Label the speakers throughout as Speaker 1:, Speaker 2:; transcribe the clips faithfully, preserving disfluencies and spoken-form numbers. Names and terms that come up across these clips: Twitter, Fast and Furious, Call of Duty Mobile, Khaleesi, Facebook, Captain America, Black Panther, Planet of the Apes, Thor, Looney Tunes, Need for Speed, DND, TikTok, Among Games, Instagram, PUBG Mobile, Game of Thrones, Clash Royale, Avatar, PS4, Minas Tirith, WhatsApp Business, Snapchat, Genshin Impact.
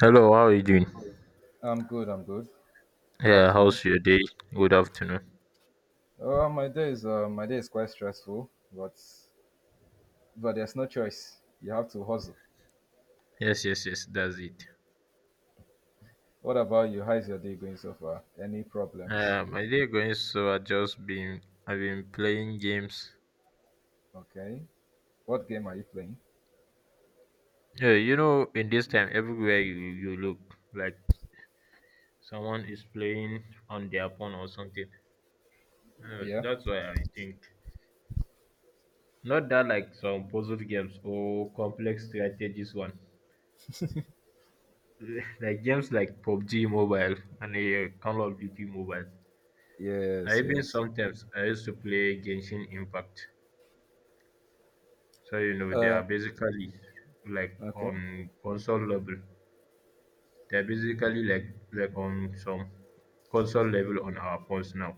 Speaker 1: Hello, how are you doing?
Speaker 2: I'm good. I'm good. Good
Speaker 1: Yeah,
Speaker 2: afternoon.
Speaker 1: how's your day? Good afternoon.
Speaker 2: Uh, my day is uh, my day is quite stressful, but but there's no choice. You have to hustle.
Speaker 1: Yes, yes, yes, that's it.
Speaker 2: What about you? How's your day going so far? Any problems?
Speaker 1: Uh, my day going so I just been I've been playing games.
Speaker 2: Okay. What game are you playing?
Speaker 1: Yeah, you know, in this time everywhere you you look, like someone is playing on their phone or something. Uh,
Speaker 2: Yeah.
Speaker 1: that's why I think not that like some puzzle games or complex strategies one, like games like PUBG Mobile and uh, Call of Duty Mobile. I
Speaker 2: Yes.
Speaker 1: even
Speaker 2: Yes.
Speaker 1: sometimes I used to play Genshin Impact. So you know they
Speaker 2: Um.
Speaker 1: are basically like
Speaker 2: Okay.
Speaker 1: on console level. They're basically like like on some console level on our phones now.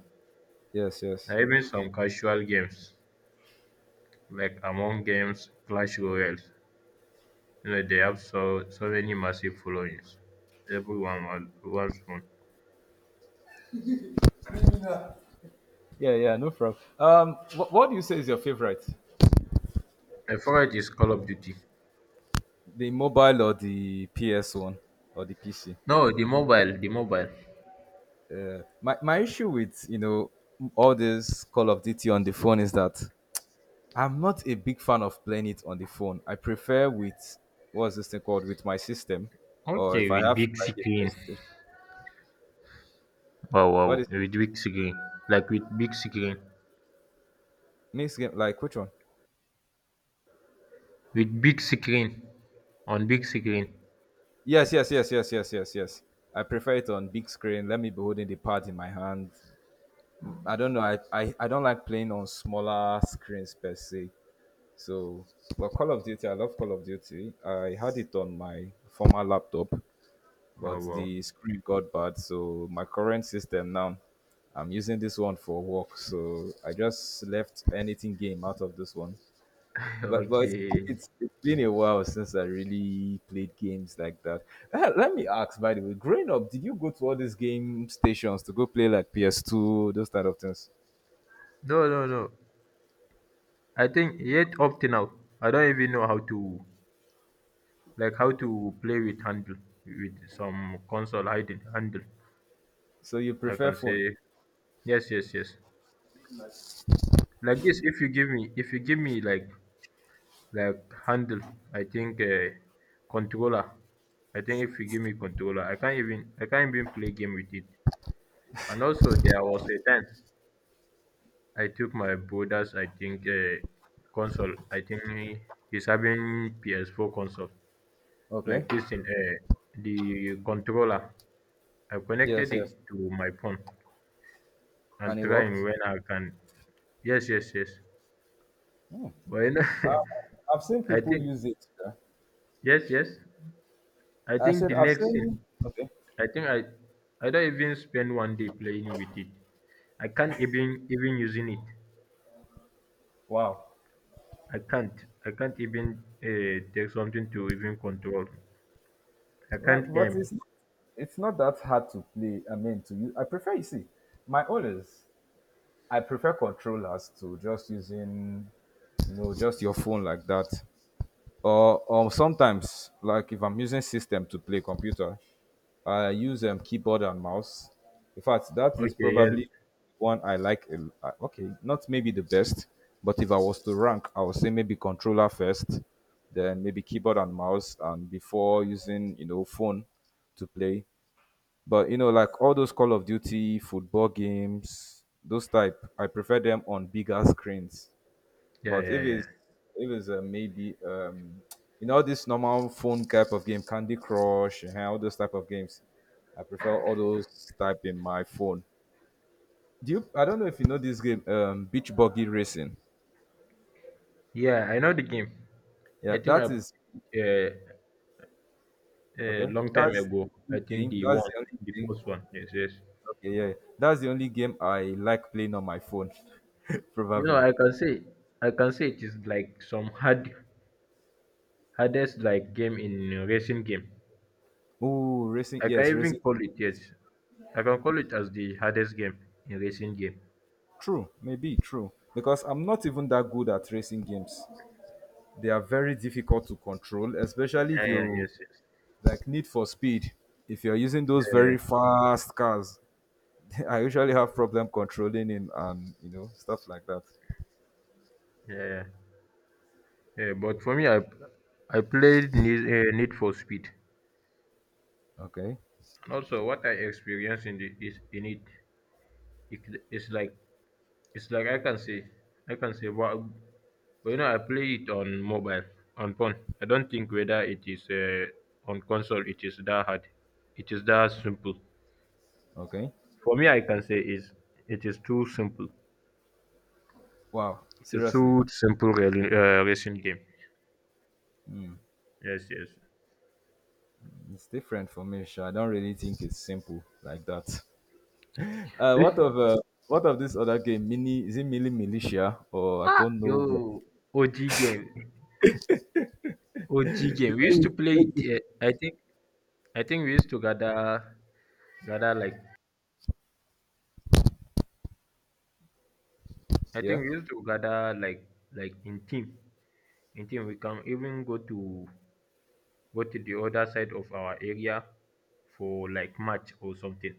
Speaker 2: Yes. Yes.
Speaker 1: And even some casual games like Among Games, Clash Royale. You know they have so so many massive followings. Everyone wants wants one.
Speaker 2: Yeah. Yeah. No problem. Um. What, what do you say is your favorite?
Speaker 1: My favorite is Call of Duty.
Speaker 2: The mobile or the P S one or the P C?
Speaker 1: No, the mobile, the mobile.
Speaker 2: Uh, my my issue with you know all this Call of Duty on the phone is that I'm not a big fan of playing it on the phone. I prefer with what's this thing called, with my system, or
Speaker 1: Okay,
Speaker 2: if I
Speaker 1: with
Speaker 2: have
Speaker 1: big
Speaker 2: like a
Speaker 1: screen.
Speaker 2: PlayStation.
Speaker 1: Wow,
Speaker 2: What
Speaker 1: wow,
Speaker 2: is it?
Speaker 1: with big screen, like with big screen.
Speaker 2: Next game? Like which one?
Speaker 1: With big screen. On big screen.
Speaker 2: Yes, yes, yes, yes, yes, yes, yes. I prefer it on big screen. Let me be holding the pad in my hand. I don't know. I, I, I don't like playing on smaller screens per se. So, but Call of Duty, I love Call of Duty. I had it on my former laptop,
Speaker 1: Oh
Speaker 2: but
Speaker 1: wow.
Speaker 2: the screen got bad. So my current system now, I'm using this one for work. So I just left anything game out of this one. But but
Speaker 1: Okay.
Speaker 2: it's it's been a while since I really played games like that. Eh, Let me ask, by the way, growing up, did you go to all these game stations to go play like P S two, those kind of things?
Speaker 1: No, no, no. I think yet up to now, I don't even know how to like how to play with handle with some console hidden handle.
Speaker 2: So you
Speaker 1: I
Speaker 2: prefer
Speaker 1: can
Speaker 2: phone?
Speaker 1: say yes, yes, yes. Like this, if you give me, if you give me like like handle, I think uh, controller. I think if you give me controller, I can't even I can't even play game with it. And also there was a time I took my brother's, I think, uh, console. I think he, he's having P S four console.
Speaker 2: Okay.
Speaker 1: Like this in uh, the controller. I've
Speaker 2: Yes,
Speaker 1: connected
Speaker 2: yes.
Speaker 1: it to my phone
Speaker 2: And
Speaker 1: and
Speaker 2: it
Speaker 1: trying
Speaker 2: worked.
Speaker 1: when I can. Yes, yes, yes. But you know,
Speaker 2: Uh, I've seen
Speaker 1: I
Speaker 2: people
Speaker 1: think
Speaker 2: use it. Yeah.
Speaker 1: yes, yes. I
Speaker 2: I
Speaker 1: think
Speaker 2: said
Speaker 1: the
Speaker 2: I've
Speaker 1: next thing.
Speaker 2: seen. Okay.
Speaker 1: I think I I don't even spend one day playing with it. I can't even even using it.
Speaker 2: Wow.
Speaker 1: I can't. I can't even uh, take something to even control. I
Speaker 2: Well,
Speaker 1: can't
Speaker 2: but
Speaker 1: aim.
Speaker 2: it's it's not that hard to play. I mean, to use. I prefer, you see, my own is I prefer controllers to just using you know just your phone like that. Or or sometimes, like if I'm using system to play computer, I use um, keyboard and mouse. In fact, that is
Speaker 1: Okay, yes.
Speaker 2: probably one I like. a l- uh, Okay, not maybe the best, but if I was to rank, I would say maybe controller first, then maybe keyboard and mouse, and before using you know phone to play. But you know, like all those Call of Duty football games, those type, I prefer them on bigger screens,
Speaker 1: Yeah,
Speaker 2: but if
Speaker 1: yeah, yeah.
Speaker 2: it's if it's uh, maybe um, you know, this normal phone type of game, Candy Crush, and all those type of games, I prefer all those type in my phone. Do you? I don't know if you know this game, um, Beach Buggy Racing.
Speaker 1: Yeah, I know the game.
Speaker 2: Yeah,
Speaker 1: I think I
Speaker 2: that is
Speaker 1: uh, a
Speaker 2: okay.
Speaker 1: long time
Speaker 2: That's
Speaker 1: ago.
Speaker 2: the
Speaker 1: I
Speaker 2: only
Speaker 1: think
Speaker 2: game.
Speaker 1: the
Speaker 2: That's
Speaker 1: one,
Speaker 2: the only
Speaker 1: the
Speaker 2: game.
Speaker 1: first one. Yes, yes.
Speaker 2: Okay, yeah, that's the only game I like playing on my phone,
Speaker 1: You know,
Speaker 2: probably.
Speaker 1: I can say I can say it is like some hard hardest like game in uh, racing game.
Speaker 2: Ooh, racing.
Speaker 1: I can
Speaker 2: Yes,
Speaker 1: even
Speaker 2: racing.
Speaker 1: call it yes. I can call it as the hardest game in racing game.
Speaker 2: True, maybe true, because I'm not even that good at racing games. They are very difficult to control, especially if
Speaker 1: Yeah, yeah,
Speaker 2: you
Speaker 1: yes, yes.
Speaker 2: like need for speed. If you're using those
Speaker 1: Yeah,
Speaker 2: very fast cars, I usually have problem controlling in and you know stuff like that.
Speaker 1: yeah, yeah. Yeah, but for me, I I played Need, uh, Need for Speed.
Speaker 2: Okay,
Speaker 1: And also, what I experienced in the, is in it it, it's like it's like I can say I can say but, but you know I play it on mobile on phone. I don't think whether it is uh, on console it is that hard. It is that simple.
Speaker 2: okay.
Speaker 1: For me, I can say is it is too simple.
Speaker 2: Wow,
Speaker 1: It is
Speaker 2: seriously,
Speaker 1: too simple really, uh, racing game. Yes, yes.
Speaker 2: it's different for me. Sha. I don't really think it's simple like that. Uh, what of
Speaker 1: Eh,
Speaker 2: uh, what of this other game? Mini, is it Mini Militia or I
Speaker 1: Ah,
Speaker 2: don't
Speaker 1: yo,
Speaker 2: know. what-
Speaker 1: O G game, O G
Speaker 2: The
Speaker 1: game. We
Speaker 2: way
Speaker 1: used to
Speaker 2: you-
Speaker 1: play
Speaker 2: the way
Speaker 1: it.
Speaker 2: you-
Speaker 1: Uh, I think I think we used to gather gather like I
Speaker 2: yeah.
Speaker 1: think we used to gather like like in team. I think we can even go to go to the other side of our area for like match or something.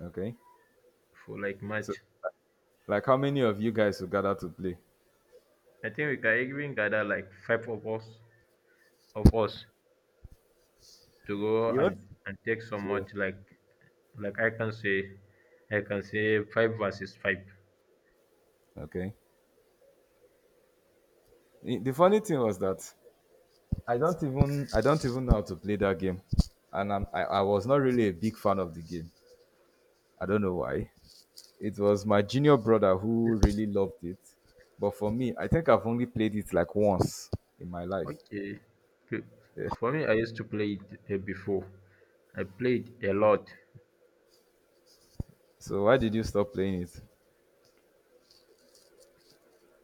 Speaker 2: Okay.
Speaker 1: For like
Speaker 2: So,
Speaker 1: match.
Speaker 2: like, how many of you guys will gather to play?
Speaker 1: I think we can even gather like five of us of us to go
Speaker 2: You want?
Speaker 1: and, and take some match like like I can say I can say five versus five.
Speaker 2: Okay. I- The funny thing was that I don't even I don't even know how to play that game, and I'm, I I was not really a big fan of the game. I don't know why. It was my junior brother who really loved it, but for me, I think I've only played it like once in my life.
Speaker 1: Okay. P-
Speaker 2: Yeah.
Speaker 1: For me I used to play it uh, before. I played a lot.
Speaker 2: So why did you stop playing it?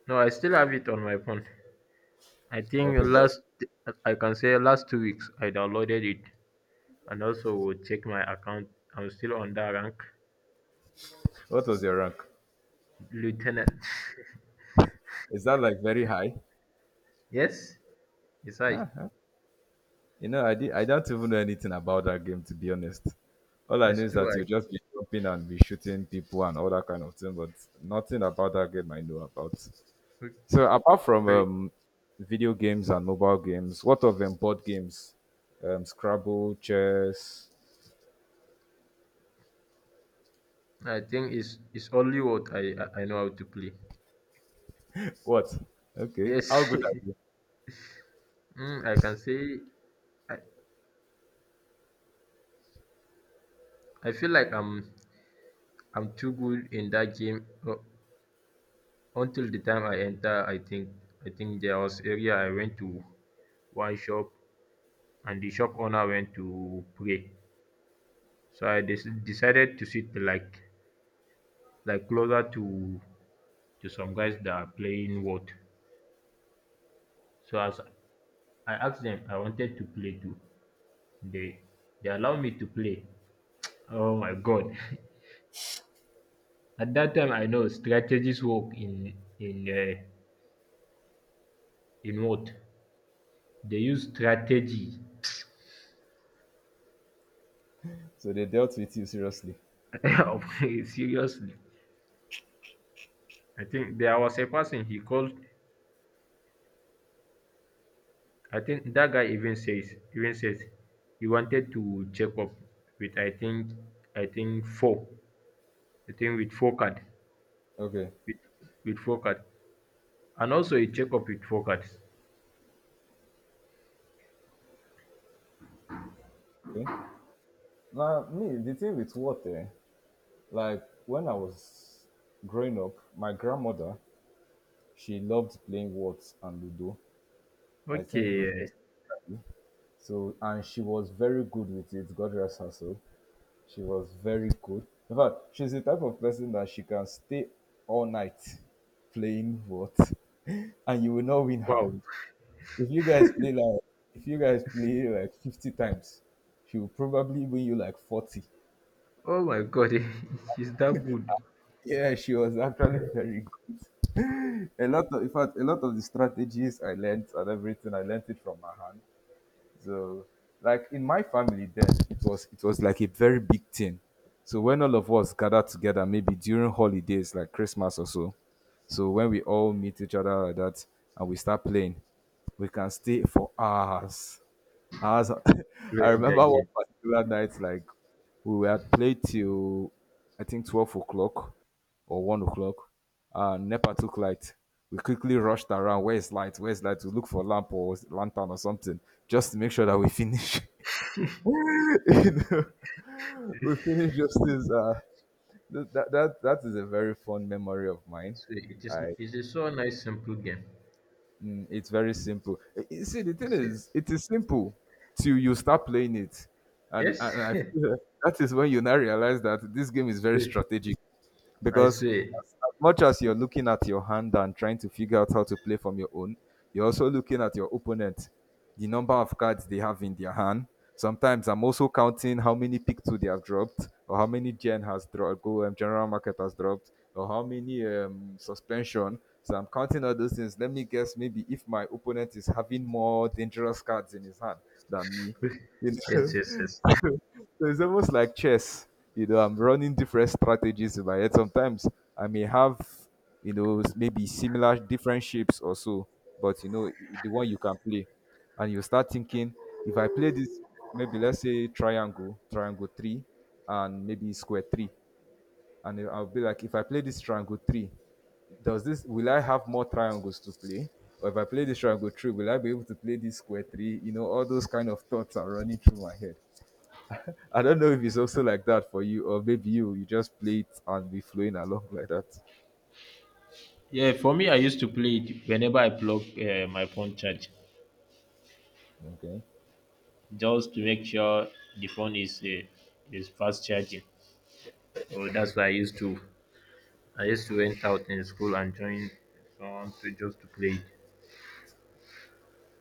Speaker 1: No, I still have it on my phone. I think
Speaker 2: Okay, but
Speaker 1: last I can say last two weeks I downloaded it and also will check my account. I'm still on that rank.
Speaker 2: what was your rank?
Speaker 1: Lieutenant.
Speaker 2: Is that like very high?
Speaker 1: Yes, it's I.
Speaker 2: Yeah. You know, I did, I don't even know anything about that game, to be honest. All I knew
Speaker 1: It's
Speaker 2: is
Speaker 1: two
Speaker 2: that
Speaker 1: I.
Speaker 2: you just be jumping and be shooting people and all that kind of thing, but nothing about that game I know about. So apart from
Speaker 1: Okay.
Speaker 2: um, video games and mobile games, what of them board games? Um, Scrabble, chess.
Speaker 1: I think it's it's only what I I I know how to play.
Speaker 2: What? Okay.
Speaker 1: Yes,
Speaker 2: How good are you?
Speaker 1: mm, I can say I, I feel like I'm I'm too good in that game uh, until the time I enter. I think I think there was area I went to one shop and the shop owner went to pray. So I des- decided to sit like like closer to to some guys that are playing what. So as I asked them, I wanted to play too. They they allowed me to play. Oh my god! At that time, I know strategies work in in uh, in what they use strategy.
Speaker 2: So they dealt with you seriously.
Speaker 1: Of- Seriously, I think there was a person he called. I think that guy even says even says he wanted to check up with I think I think four. I think with four card
Speaker 2: Okay.
Speaker 1: with with four card. And also a checkup with focus.
Speaker 2: Okay. Now, me, the thing with water, like when I was growing up, my grandmother, she loved playing Words and Ludo. I think Ludo
Speaker 1: Okay.
Speaker 2: especially. So, and she was very good with it. God rest her soul. She was very good. In fact, she's the type of person that she can stay all night playing Words, and you will not win her.
Speaker 1: Wow.
Speaker 2: If you guys play like, if you guys play like fifty times, she will probably win you like forty.
Speaker 1: Oh my god, it's that good
Speaker 2: Yeah, she was actually very good. A lot of, in fact a lot of, the strategies I learned and everything, I learned it from her hand. So, like in my family then, it was it was like a very big thing. So when all of us gathered together, maybe during holidays like Christmas or so, so when we all meet each other like that and we start playing, we can stay for hours. I was, I
Speaker 1: playing
Speaker 2: remember
Speaker 1: that
Speaker 2: one
Speaker 1: game.
Speaker 2: particular night, like we had played till I think twelve o'clock or one o'clock. Uh, Nepa took light. We quickly rushed around. Where's light? Where's light? To look for lamp or lantern or something, just to make sure that we finish. You know, we finish just this. Uh, th- that that that is a very fond memory of mine.
Speaker 1: So it is
Speaker 2: I
Speaker 1: it is so nice simple game.
Speaker 2: Mm, it's very simple. Eh, eh, See, the thing
Speaker 1: It's a-
Speaker 2: is, it is simple till you start playing it, and
Speaker 1: Yes.
Speaker 2: and I feel that that is when you now realize that this game is very strategic,
Speaker 1: I
Speaker 2: because
Speaker 1: swear.
Speaker 2: as as much as you're looking at your hand and trying to figure out how to play from your own, you're also looking at your opponent, the number of cards they have in their hand. Sometimes I'm also counting how many pick two they have dropped, or how many Gen has dropped, go um, general market has dropped, or how many um, suspension. So I'm counting all those things. Let me guess, maybe if my opponent is having more dangerous cards in his hand than me, you
Speaker 1: Yes, yes, yes.
Speaker 2: know. So it's almost like chess. You know, I'm running different strategies in my head. Sometimes I may have, you know, s- maybe similar different shapes or so, but you know, the one you can play. And you start thinking, if I play this, maybe let's say triangle, triangle three, and maybe square three. And I'll be like, if I play this triangle three, does this, will I have more triangles to play? Or if I play this triangle three, will I be able to play this square three? You know, all those kind of thoughts are running through my head. I don't know if it's also like that for you, or maybe you you just play it and be flowing along like that.
Speaker 1: Yeah, for me I used to play it whenever I plug uh, my phone charge.
Speaker 2: Okay.
Speaker 1: Just to make sure the phone is uh, is fast charging. So that's why I used to I used to went out in school and join someone to just to play it.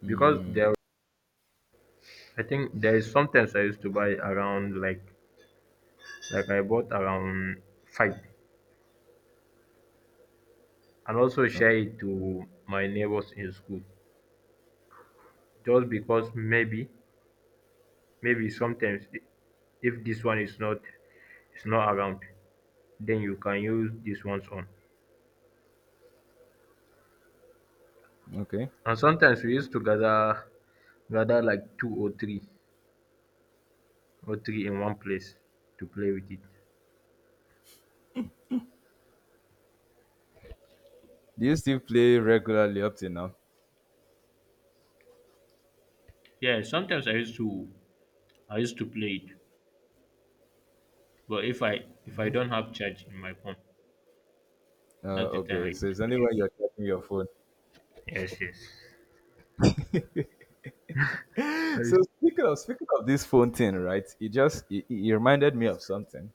Speaker 1: Because there I think there is sometimes I used to buy around like like I bought around five and also share
Speaker 2: Okay.
Speaker 1: it to my neighbors in school just because maybe maybe sometimes i- if this one is not is not around then you can use this one's on.
Speaker 2: Okay.
Speaker 1: And sometimes we used to gather gather like two or three or three in one place to play with it.
Speaker 2: Do you still play regularly up to now?
Speaker 1: Yeah, sometimes I used to I used to play it. But if I if I don't have charge in my phone,
Speaker 2: Uh,
Speaker 1: that's the time I
Speaker 2: okay. So
Speaker 1: used to
Speaker 2: it's only
Speaker 1: play
Speaker 2: when
Speaker 1: it.
Speaker 2: you're checking your phone.
Speaker 1: Yes, yes. I s-
Speaker 2: So speaking of speaking of this phone thing, right? It just it, it reminded me of something.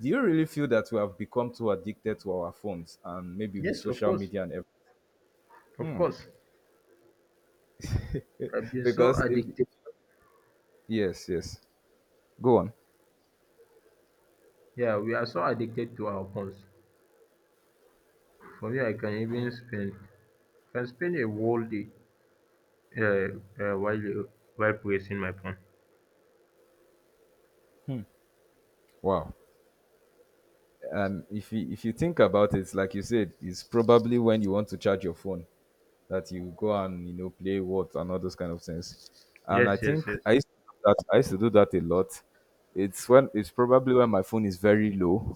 Speaker 2: Do you really feel that we have become too addicted to our phones, and maybe with
Speaker 1: Yes, of
Speaker 2: social
Speaker 1: course,
Speaker 2: media and
Speaker 1: of
Speaker 2: everything?
Speaker 1: course.
Speaker 2: Hmm.
Speaker 1: I've been so
Speaker 2: Because if
Speaker 1: addicted.
Speaker 2: yes, yes, go on.
Speaker 1: Yeah, we are so addicted to our phones. For me, I can even spend can spend a whole day uh, uh, while while pressing my phone.
Speaker 2: Wow. And if you, if you think about it, like you said, it's probably when you want to charge your phone that you go and you know play what and all those kind of things. And I
Speaker 1: Yes, yes,
Speaker 2: think
Speaker 1: yes.
Speaker 2: I used to do that. I used to do that a lot. It's when it's probably when my phone is very low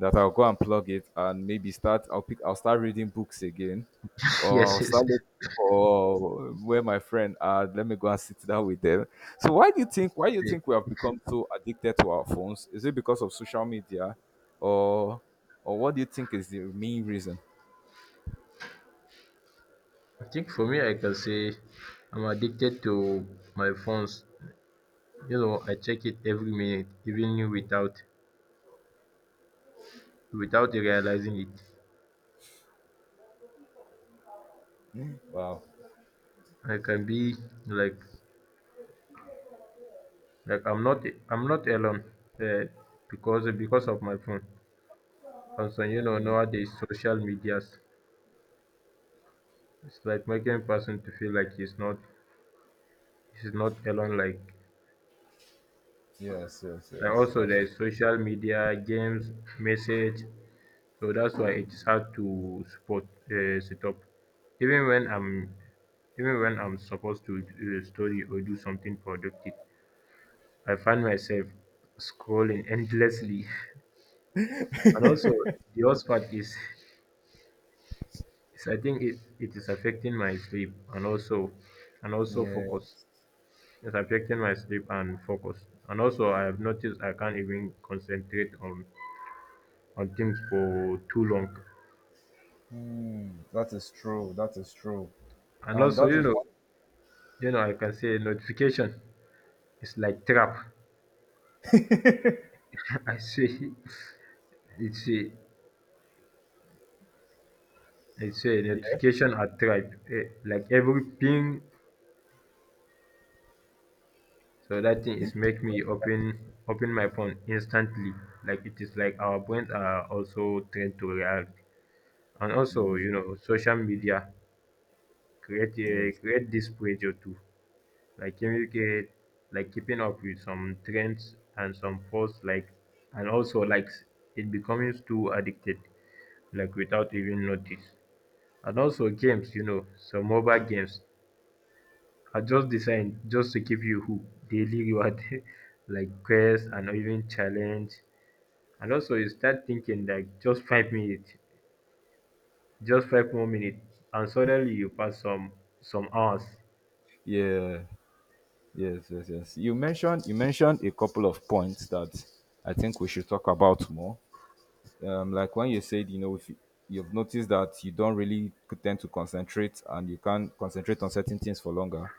Speaker 2: that I'll go and plug it and maybe start. I'll pick. I'll start reading books again, or I'll
Speaker 1: Yes, yes,
Speaker 2: start looking
Speaker 1: yes.
Speaker 2: for where my friend are. Let me go and sit down with them. So why do you think? Why do you
Speaker 1: Yeah.
Speaker 2: think we have become so addicted to our phones? Is it because of social media, or or what do you think is the main reason?
Speaker 1: I think for me, I can say I'm addicted to my phones. You know, I check it every minute, even without without realizing it.
Speaker 2: Wow.
Speaker 1: I can be like Like I'm not I'm not alone uh, because because of my phone. And so you know nowadays social medias it's like making person to feel like he's not he's not alone. Like
Speaker 2: Yes, yes,
Speaker 1: like
Speaker 2: yes.
Speaker 1: also
Speaker 2: That's
Speaker 1: there's social media, games, message. So that's why it's hard to support uh, sit up. Even when I'm even when I'm supposed to uh, study or do something productive, I find myself scrolling endlessly. And also, the worst part is yes, I think it, it is affecting my sleep and also and also
Speaker 2: yeah,
Speaker 1: focus. It's affecting my sleep and focus. And also I have noticed I can't even concentrate on on things for too long.
Speaker 2: mm, that is true. That is true,
Speaker 1: And
Speaker 2: and
Speaker 1: also,
Speaker 2: that
Speaker 1: you
Speaker 2: is
Speaker 1: know,
Speaker 2: what.
Speaker 1: you know, I can say notification. It's like trap. I say it's a it's a
Speaker 2: Yeah.
Speaker 1: notification at trap. Eh, like every ping, so that thing is make me open open my phone instantly. Like it is like our brains are also trained to react. And also, you know, social media create a,
Speaker 2: Yes.
Speaker 1: create this pressure too, like communicate, like keeping up with some trends and some posts, like, and also like s- it becomes too addicted, like without even notice. And also games, you know, some mobile games are just designed just to keep you hooked, daily reward, like quest and even challenge. And also you start thinking like just five minutes. Just five more minutes and suddenly you pass some some hours.
Speaker 2: Yeah. Yes. Yes. Yes. You mentioned you mentioned a couple of points that I think we should talk about more. Um, like when you said, you know, if you, you've noticed that you don't really tend to concentrate and you can't concentrate on certain things for longer.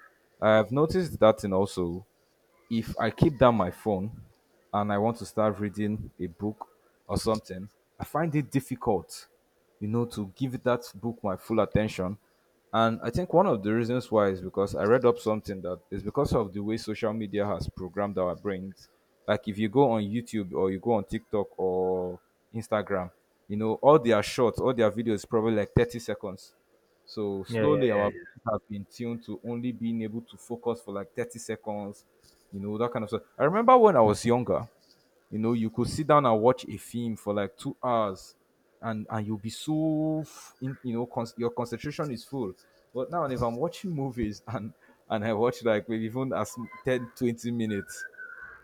Speaker 2: I've noticed that, and also, if I keep down my phone and I want to start reading a book or something, I find it difficult, you know, to give that book my full attention. And I think one of the reasons why is because I read up something that is because of the way social media has programmed our brains. Like if you go on YouTube or you go on TikTok or Instagram, you know, all their shorts, all their videos probably like thirty seconds. So
Speaker 1: Yeah, yeah,
Speaker 2: slowly
Speaker 1: yeah,
Speaker 2: our
Speaker 1: yeah.
Speaker 2: brains have been tuned to only being able to focus for like thirty seconds, you know, that kind of stuff. I remember when I was younger, you know, you could sit down and watch a film for like two hours, and and you'll be so, f- in, you know, con- your concentration is full. But now, if I'm watching movies and and I watch like maybe even as m- ten, twenty minutes,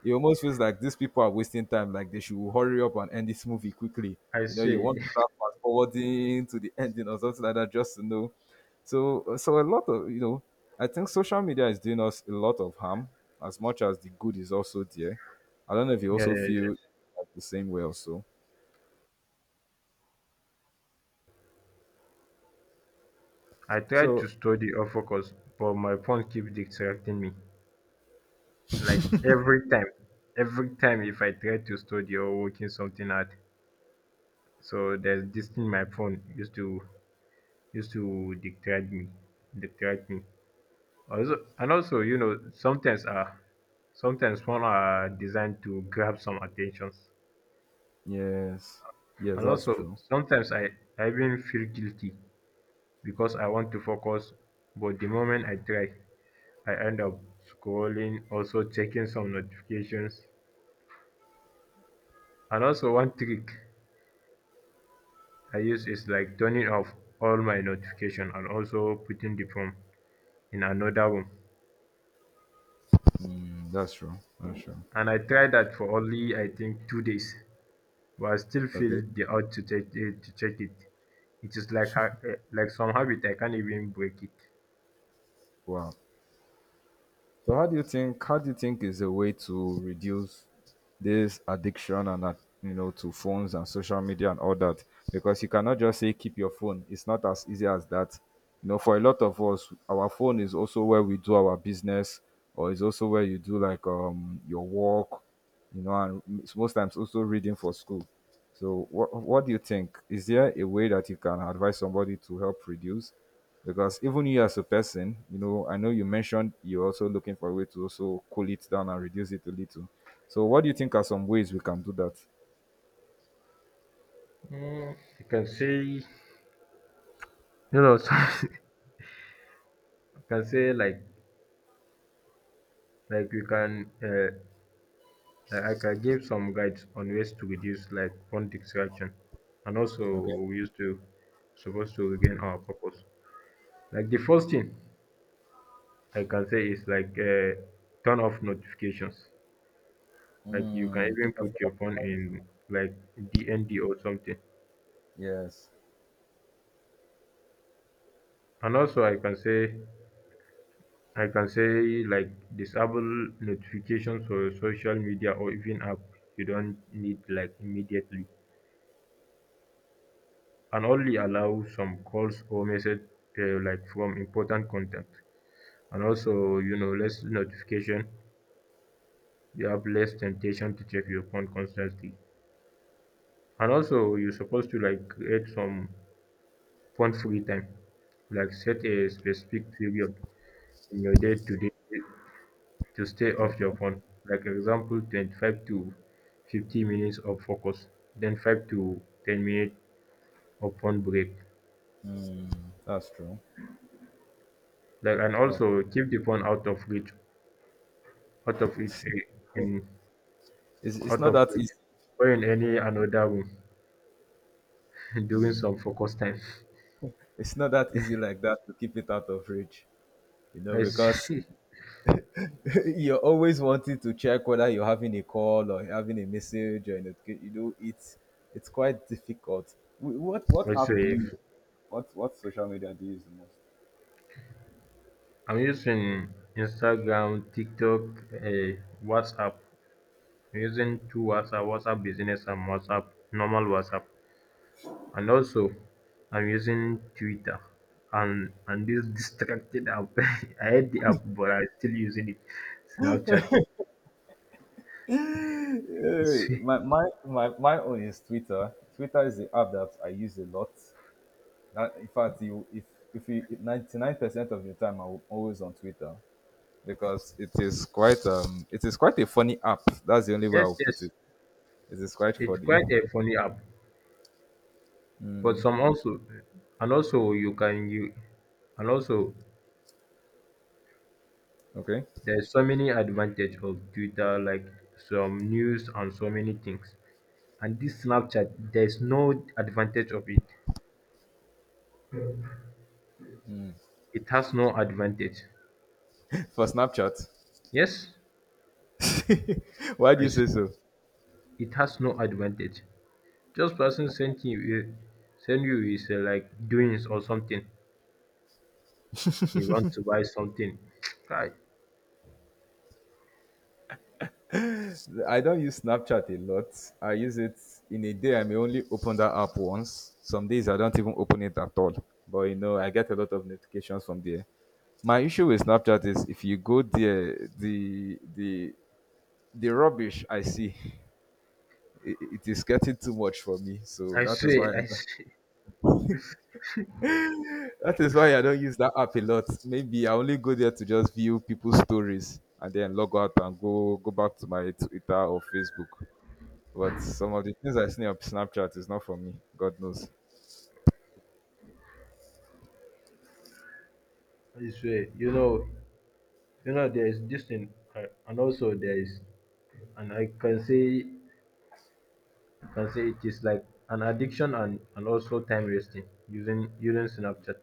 Speaker 2: it almost feels like these people are wasting time. Like they should hurry up and end this movie quickly.
Speaker 1: I
Speaker 2: You know, you
Speaker 1: swear.
Speaker 2: want to start fast forwarding to the ending or something like that, just to know. So, uh, so a lot of you know, I think social media is doing us a lot of harm, as much as the good is also there. I don't know if you
Speaker 1: Yeah,
Speaker 2: also
Speaker 1: yeah,
Speaker 2: feel
Speaker 1: yeah.
Speaker 2: like the same way also.
Speaker 1: I try to
Speaker 2: So
Speaker 1: study or focus, but my phone keeps distracting me. Like every time, every time if I try to study or working something out, so there's this thing my phone used to used to distract me, distract me. Also, and also, you know, sometimes uh, sometimes phone are designed to grab some attentions.
Speaker 2: yes, yes,
Speaker 1: And
Speaker 2: that's
Speaker 1: also,
Speaker 2: true.
Speaker 1: sometimes I, I even feel guilty because I want to focus, but the moment I try, I end up scrolling, also checking some notifications. And also, one trick I use is like turning off all my notification and also putting the phone in another room.
Speaker 2: Mm, that's true. That's true.
Speaker 1: And I tried that for only, I think, two days, but I still
Speaker 2: Okay.
Speaker 1: feel the urge to check it. To check it. It is like ha- eh, like some habit I can't even break it.
Speaker 2: Wow. So how do you think how do you think is a way to reduce this addiction and uh, you know to phones and social media and all that? Because you cannot just say keep your phone. It's not as easy as that. You know, for a lot of us, our phone is also where we do our business, or is also where you do like um your work, you know, and it's most times also reading for school. So what what do you think? Is there a way that you can advise somebody to help reduce? Because even you as a person, you know, I know you mentioned you're also looking for a way to also cool it down and reduce it a little. So, what do you think are some ways we can do that?
Speaker 1: Mm, I can say you know some, can say like like you can uh, like I can give some guides on ways to reduce like phone distraction and also
Speaker 2: Okay.
Speaker 1: we used to supposed to regain our purpose. Like the first thing I can say is like uh, turn off notifications. Like you can
Speaker 2: Mm, put
Speaker 1: even
Speaker 2: your
Speaker 1: put
Speaker 2: phone.
Speaker 1: your phone in like D N D or something.
Speaker 2: Yes.
Speaker 1: And also I can say I can say like disable notifications for social media or even app you don't need like immediately. And only allow some calls or message uh, like from important contact. And also, you know, less notification, you have less temptation to check your phone constantly. And also you're supposed to like create some phone free time, like set a specific period in your day to day to stay off your
Speaker 2: Okay.
Speaker 1: phone. Like example, twenty-five to fifty minutes of focus, then five to ten minutes of phone break.
Speaker 2: That's true.
Speaker 1: Like and
Speaker 2: That's,
Speaker 1: also keep the phone out of reach, out of reach, eh, in.
Speaker 2: it's, it's
Speaker 1: Out
Speaker 2: not
Speaker 1: of
Speaker 2: that
Speaker 1: which,
Speaker 2: easy.
Speaker 1: or in any another room during some focus time.
Speaker 2: It's not that easy like that to keep it out of reach, you know,
Speaker 1: I
Speaker 2: because
Speaker 1: see.
Speaker 2: you're always wanting to check whether you're having a call or having a message or a notifica- you know it's it's quite difficult. Wh- what what
Speaker 1: I
Speaker 2: app do you
Speaker 1: see.
Speaker 2: use? What what social media do you use the
Speaker 1: I'm using Instagram, TikTok, uh, WhatsApp. I'm using two WhatsApp, WhatsApp Business and WhatsApp, normal WhatsApp, and also I'm using Twitter. And and this distracted app. I hate the app, but I'm still using it. Snapchat.
Speaker 2: most? Eh,
Speaker 1: It's,
Speaker 2: my, my my my own is Twitter. Twitter is the app that I use a lot. Uh, in fact you if if you, 99 percent of the time I'm always on Twitter because it is quite um it is quite a funny app. That's the only way I
Speaker 1: yes,
Speaker 2: will put
Speaker 1: yes.
Speaker 2: it. It is quite
Speaker 1: It's
Speaker 2: funny.
Speaker 1: quite a funny app. But some also, and also you can you, and also
Speaker 2: Okay.
Speaker 1: there's so many advantage of Twitter, like some news and so many things. And this Snapchat, there's no advantage of it. It has no advantage.
Speaker 2: For Snapchat.
Speaker 1: Yes,
Speaker 2: Why do
Speaker 1: I
Speaker 2: you
Speaker 1: s
Speaker 2: say so?
Speaker 1: it has no advantage. Just person sent you, eh, send you is uh, like doings or something. You want to buy something. I,
Speaker 2: I don't use Snapchat a lot. I use it in a day. I may only open that app once. Some days I don't even open it at all. But you know, I get a lot of notifications from there. My issue with Snapchat is if you go there, the the the rubbish I see, it, it is getting too much for me. So
Speaker 1: I
Speaker 2: that is
Speaker 1: swear,
Speaker 2: why
Speaker 1: I swear,
Speaker 2: that is why I don't use that app a lot. Maybe I only go there to just view people's stories and then log out and go go back to my Twitter or Facebook. But some of the things I see on Snapchat is not for me. God knows.
Speaker 1: I swear. You know, You know, there is this thing, uh, and also there is, and I can say, I can say it is like an addiction and, and also time wasting using using Snapchat.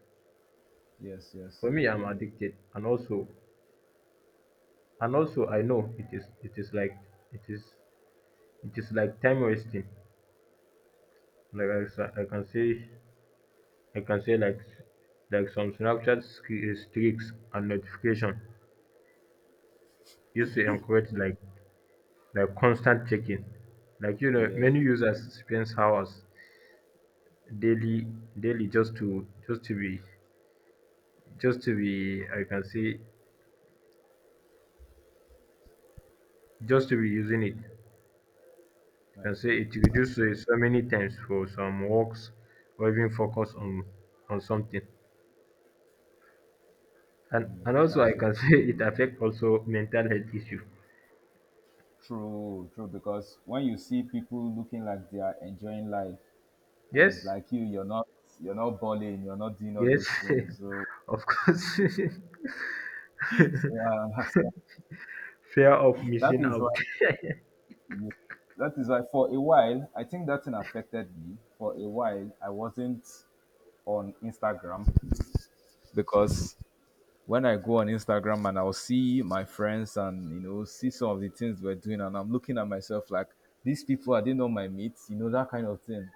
Speaker 2: Yes, yes.
Speaker 1: For me, I'm addicted, and also, and also I know it is it is like it is, it is like time wasting. Like I, sa- I can say, I can say like like some Snapchat sk- streaks and notification used to encourage like like constant checking. Like you know,
Speaker 2: Yeah,
Speaker 1: many users spend hours, daily daily, just to just to be just to be I can say just to be using it. I
Speaker 2: that's
Speaker 1: can say
Speaker 2: true.
Speaker 1: it reduces waste so many times for some works or even focus on on something. And
Speaker 2: Mm,
Speaker 1: and also I
Speaker 2: that's it.
Speaker 1: can say it affect also mental health issue.
Speaker 2: True, true. Because when you see people looking like they are enjoying life and it's
Speaker 1: Yes,
Speaker 2: like you, you're not you're not balling, you're not doing all those
Speaker 1: yes,
Speaker 2: things. So,
Speaker 1: of course.
Speaker 2: so I understand.
Speaker 1: Fear of
Speaker 2: That
Speaker 1: missing
Speaker 2: is
Speaker 1: out.
Speaker 2: why that is why for a while, I think that thing affected me. For a while, I wasn't on Instagram because when I go on Instagram and I'll see my friends and you know see some of the things we're doing, and I'm looking at myself like these people are they not my mates, you know that kind of thing.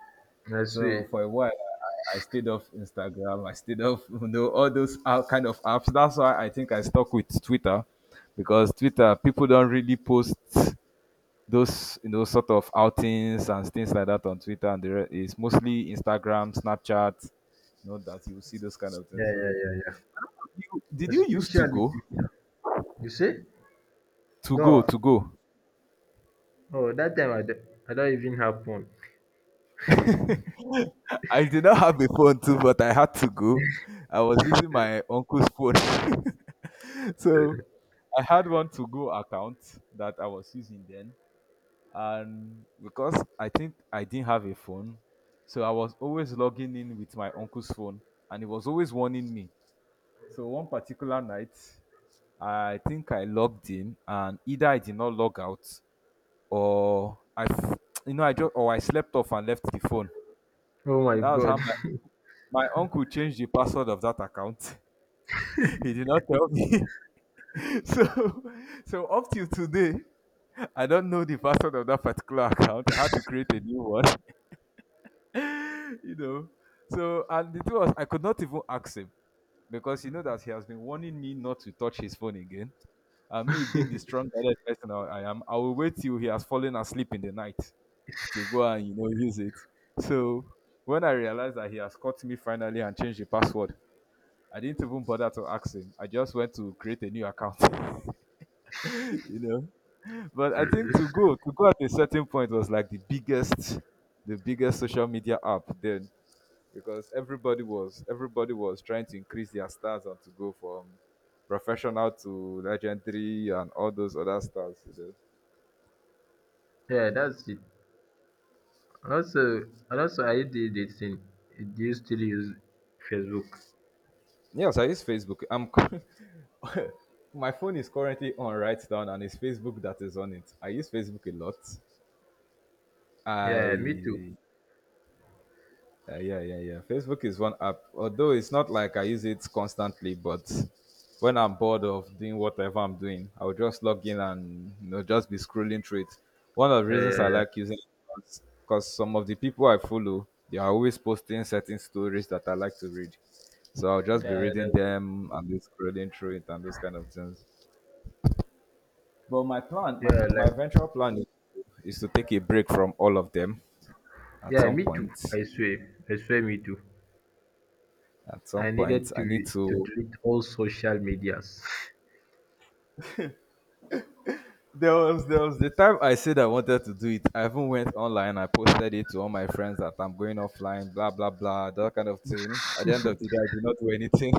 Speaker 1: I
Speaker 2: So
Speaker 1: see.
Speaker 2: for a while, I, I stayed off Instagram, I stayed off you know all those out- kind of apps. That's why I think I stuck with Twitter because Twitter people don't really post those you know sort of outings and things like that on Twitter, and the re- it's mostly Instagram, Snapchat. You know that you will see those kind of things.
Speaker 1: Yeah, yeah,
Speaker 2: So,
Speaker 1: yeah, yeah.
Speaker 2: you, did you used to
Speaker 1: Especially
Speaker 2: go?
Speaker 1: Twitter. You see?
Speaker 2: To go,
Speaker 1: No,
Speaker 2: to go.
Speaker 1: no. That time I d- I don't even have phone.
Speaker 2: I did not have a phone too, but I had to go. I was using my uncle's phone. So I had one to go account that I was using then. And because I think I didn't have a phone, so I was always logging in with my uncle's phone and he was always warning me. So one particular night, I think I logged in and either I did not log out or I, f- you know, I just, or I slept off and left the phone.
Speaker 1: Oh my
Speaker 2: That was
Speaker 1: god.
Speaker 2: how my my uncle changed the password of that account. He did not tell me. So, so up till today, I don't know the password of that particular account. I had to create a new one. You know. So, and the thing was, I could not even ask him because you know that he has been warning me not to touch his phone again. And me being the strong-headed person I I am, I will wait till he has fallen asleep in the night to go and you know use it. So when I realized that he has caught me finally and changed the password, I didn't even bother to ask him. I just went to create a new account, you know. But I think to go to go at a certain point was like the biggest, the biggest social media app then because everybody was everybody was trying to increase their stars and to go from professional to legendary and all those other stars. You know.
Speaker 1: Yeah, that's it. And also, and also, I did this thing. Do you still use Facebook?
Speaker 2: Yes, I use Facebook. I'm cu- my phone is currently on right down and it's Facebook that is on it. I use Facebook a lot.
Speaker 1: Yeah, me too.
Speaker 2: I Uh, yeah, yeah, yeah. Facebook is one app, although it's not like I use it constantly, but when I'm bored of doing whatever I'm doing, I'll just log in and you know just be scrolling through it. One of the
Speaker 1: Yeah,
Speaker 2: reasons
Speaker 1: yeah,
Speaker 2: I like
Speaker 1: yeah.
Speaker 2: using it is because some of the people I follow, they are always posting certain stories that I like to read. So I'll just be
Speaker 1: Yeah,
Speaker 2: reading
Speaker 1: that's it.
Speaker 2: them and be scrolling through it and those kind of things. But my plan,
Speaker 1: Yeah,
Speaker 2: my, my
Speaker 1: like,
Speaker 2: eventual plan is, is to take a break from all of them at
Speaker 1: yeah,
Speaker 2: some
Speaker 1: me too.
Speaker 2: point.
Speaker 1: I swear, I swear, me too.
Speaker 2: At some
Speaker 1: I
Speaker 2: point,
Speaker 1: needed to
Speaker 2: I need
Speaker 1: re- to
Speaker 2: to.
Speaker 1: delete all social medias.
Speaker 2: There was there was the time I said I wanted to do it. I even went online. I posted it to all my friends that I'm going offline, blah blah blah, that kind of thing. At the end of the day, I did not do anything.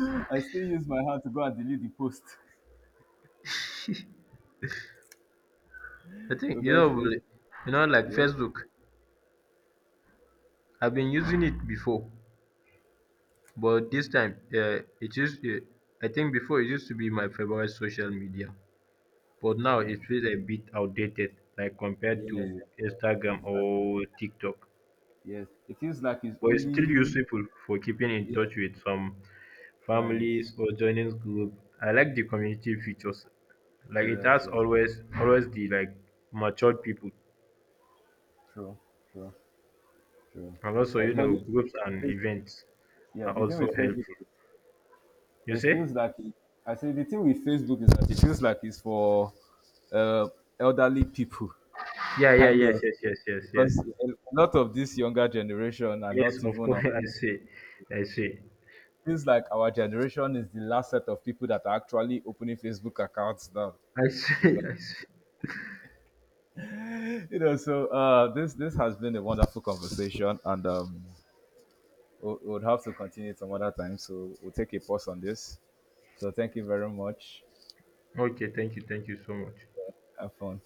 Speaker 2: I still use my hand to go and delete the post.
Speaker 1: I think you know,
Speaker 2: Because it's
Speaker 1: really— you know, like
Speaker 2: yeah,
Speaker 1: Facebook. I've been using it before, but this time, uh, it used. Uh, I think before it used to be my favorite social media. But now it feels a bit outdated, like compared
Speaker 2: yeah, yes,
Speaker 1: to Instagram
Speaker 2: that-
Speaker 1: or TikTok.
Speaker 2: yes. It feels like it's
Speaker 1: But it's still
Speaker 2: only
Speaker 1: useful for keeping in
Speaker 2: yeah,
Speaker 1: touch with some
Speaker 2: friends.
Speaker 1: families or joining group. I like the community features. Like it
Speaker 2: Yes,
Speaker 1: has
Speaker 2: yes,
Speaker 1: always always the like matured people.
Speaker 2: true, true, true.
Speaker 1: And also,
Speaker 2: Uh,
Speaker 1: you
Speaker 2: but
Speaker 1: know, groups and
Speaker 2: the-
Speaker 1: events
Speaker 2: yeah,
Speaker 1: are
Speaker 2: the thing
Speaker 1: also
Speaker 2: with Facebook.
Speaker 1: helpful. You
Speaker 2: It
Speaker 1: see?
Speaker 2: feels like it, I say the thing with Facebook is that it feels like it's for uh, elderly people,
Speaker 1: Yeah, yeah,
Speaker 2: kind
Speaker 1: yes,
Speaker 2: of,
Speaker 1: yes, yes, yes, yes.
Speaker 2: because a lot of this younger generation are
Speaker 1: Yes,
Speaker 2: not
Speaker 1: of
Speaker 2: even. On,
Speaker 1: course. I see. I see.
Speaker 2: it feels like our generation is the last set of people that are actually opening Facebook accounts now.
Speaker 1: I see.
Speaker 2: Because
Speaker 1: I see.
Speaker 2: you know, so uh, this this has been a wonderful conversation, and um, we'll, we'll have to continue some other time. So we'll take a pause on this. So thank you very much.
Speaker 1: Okay, thank you, thank you so much.
Speaker 2: Have fun.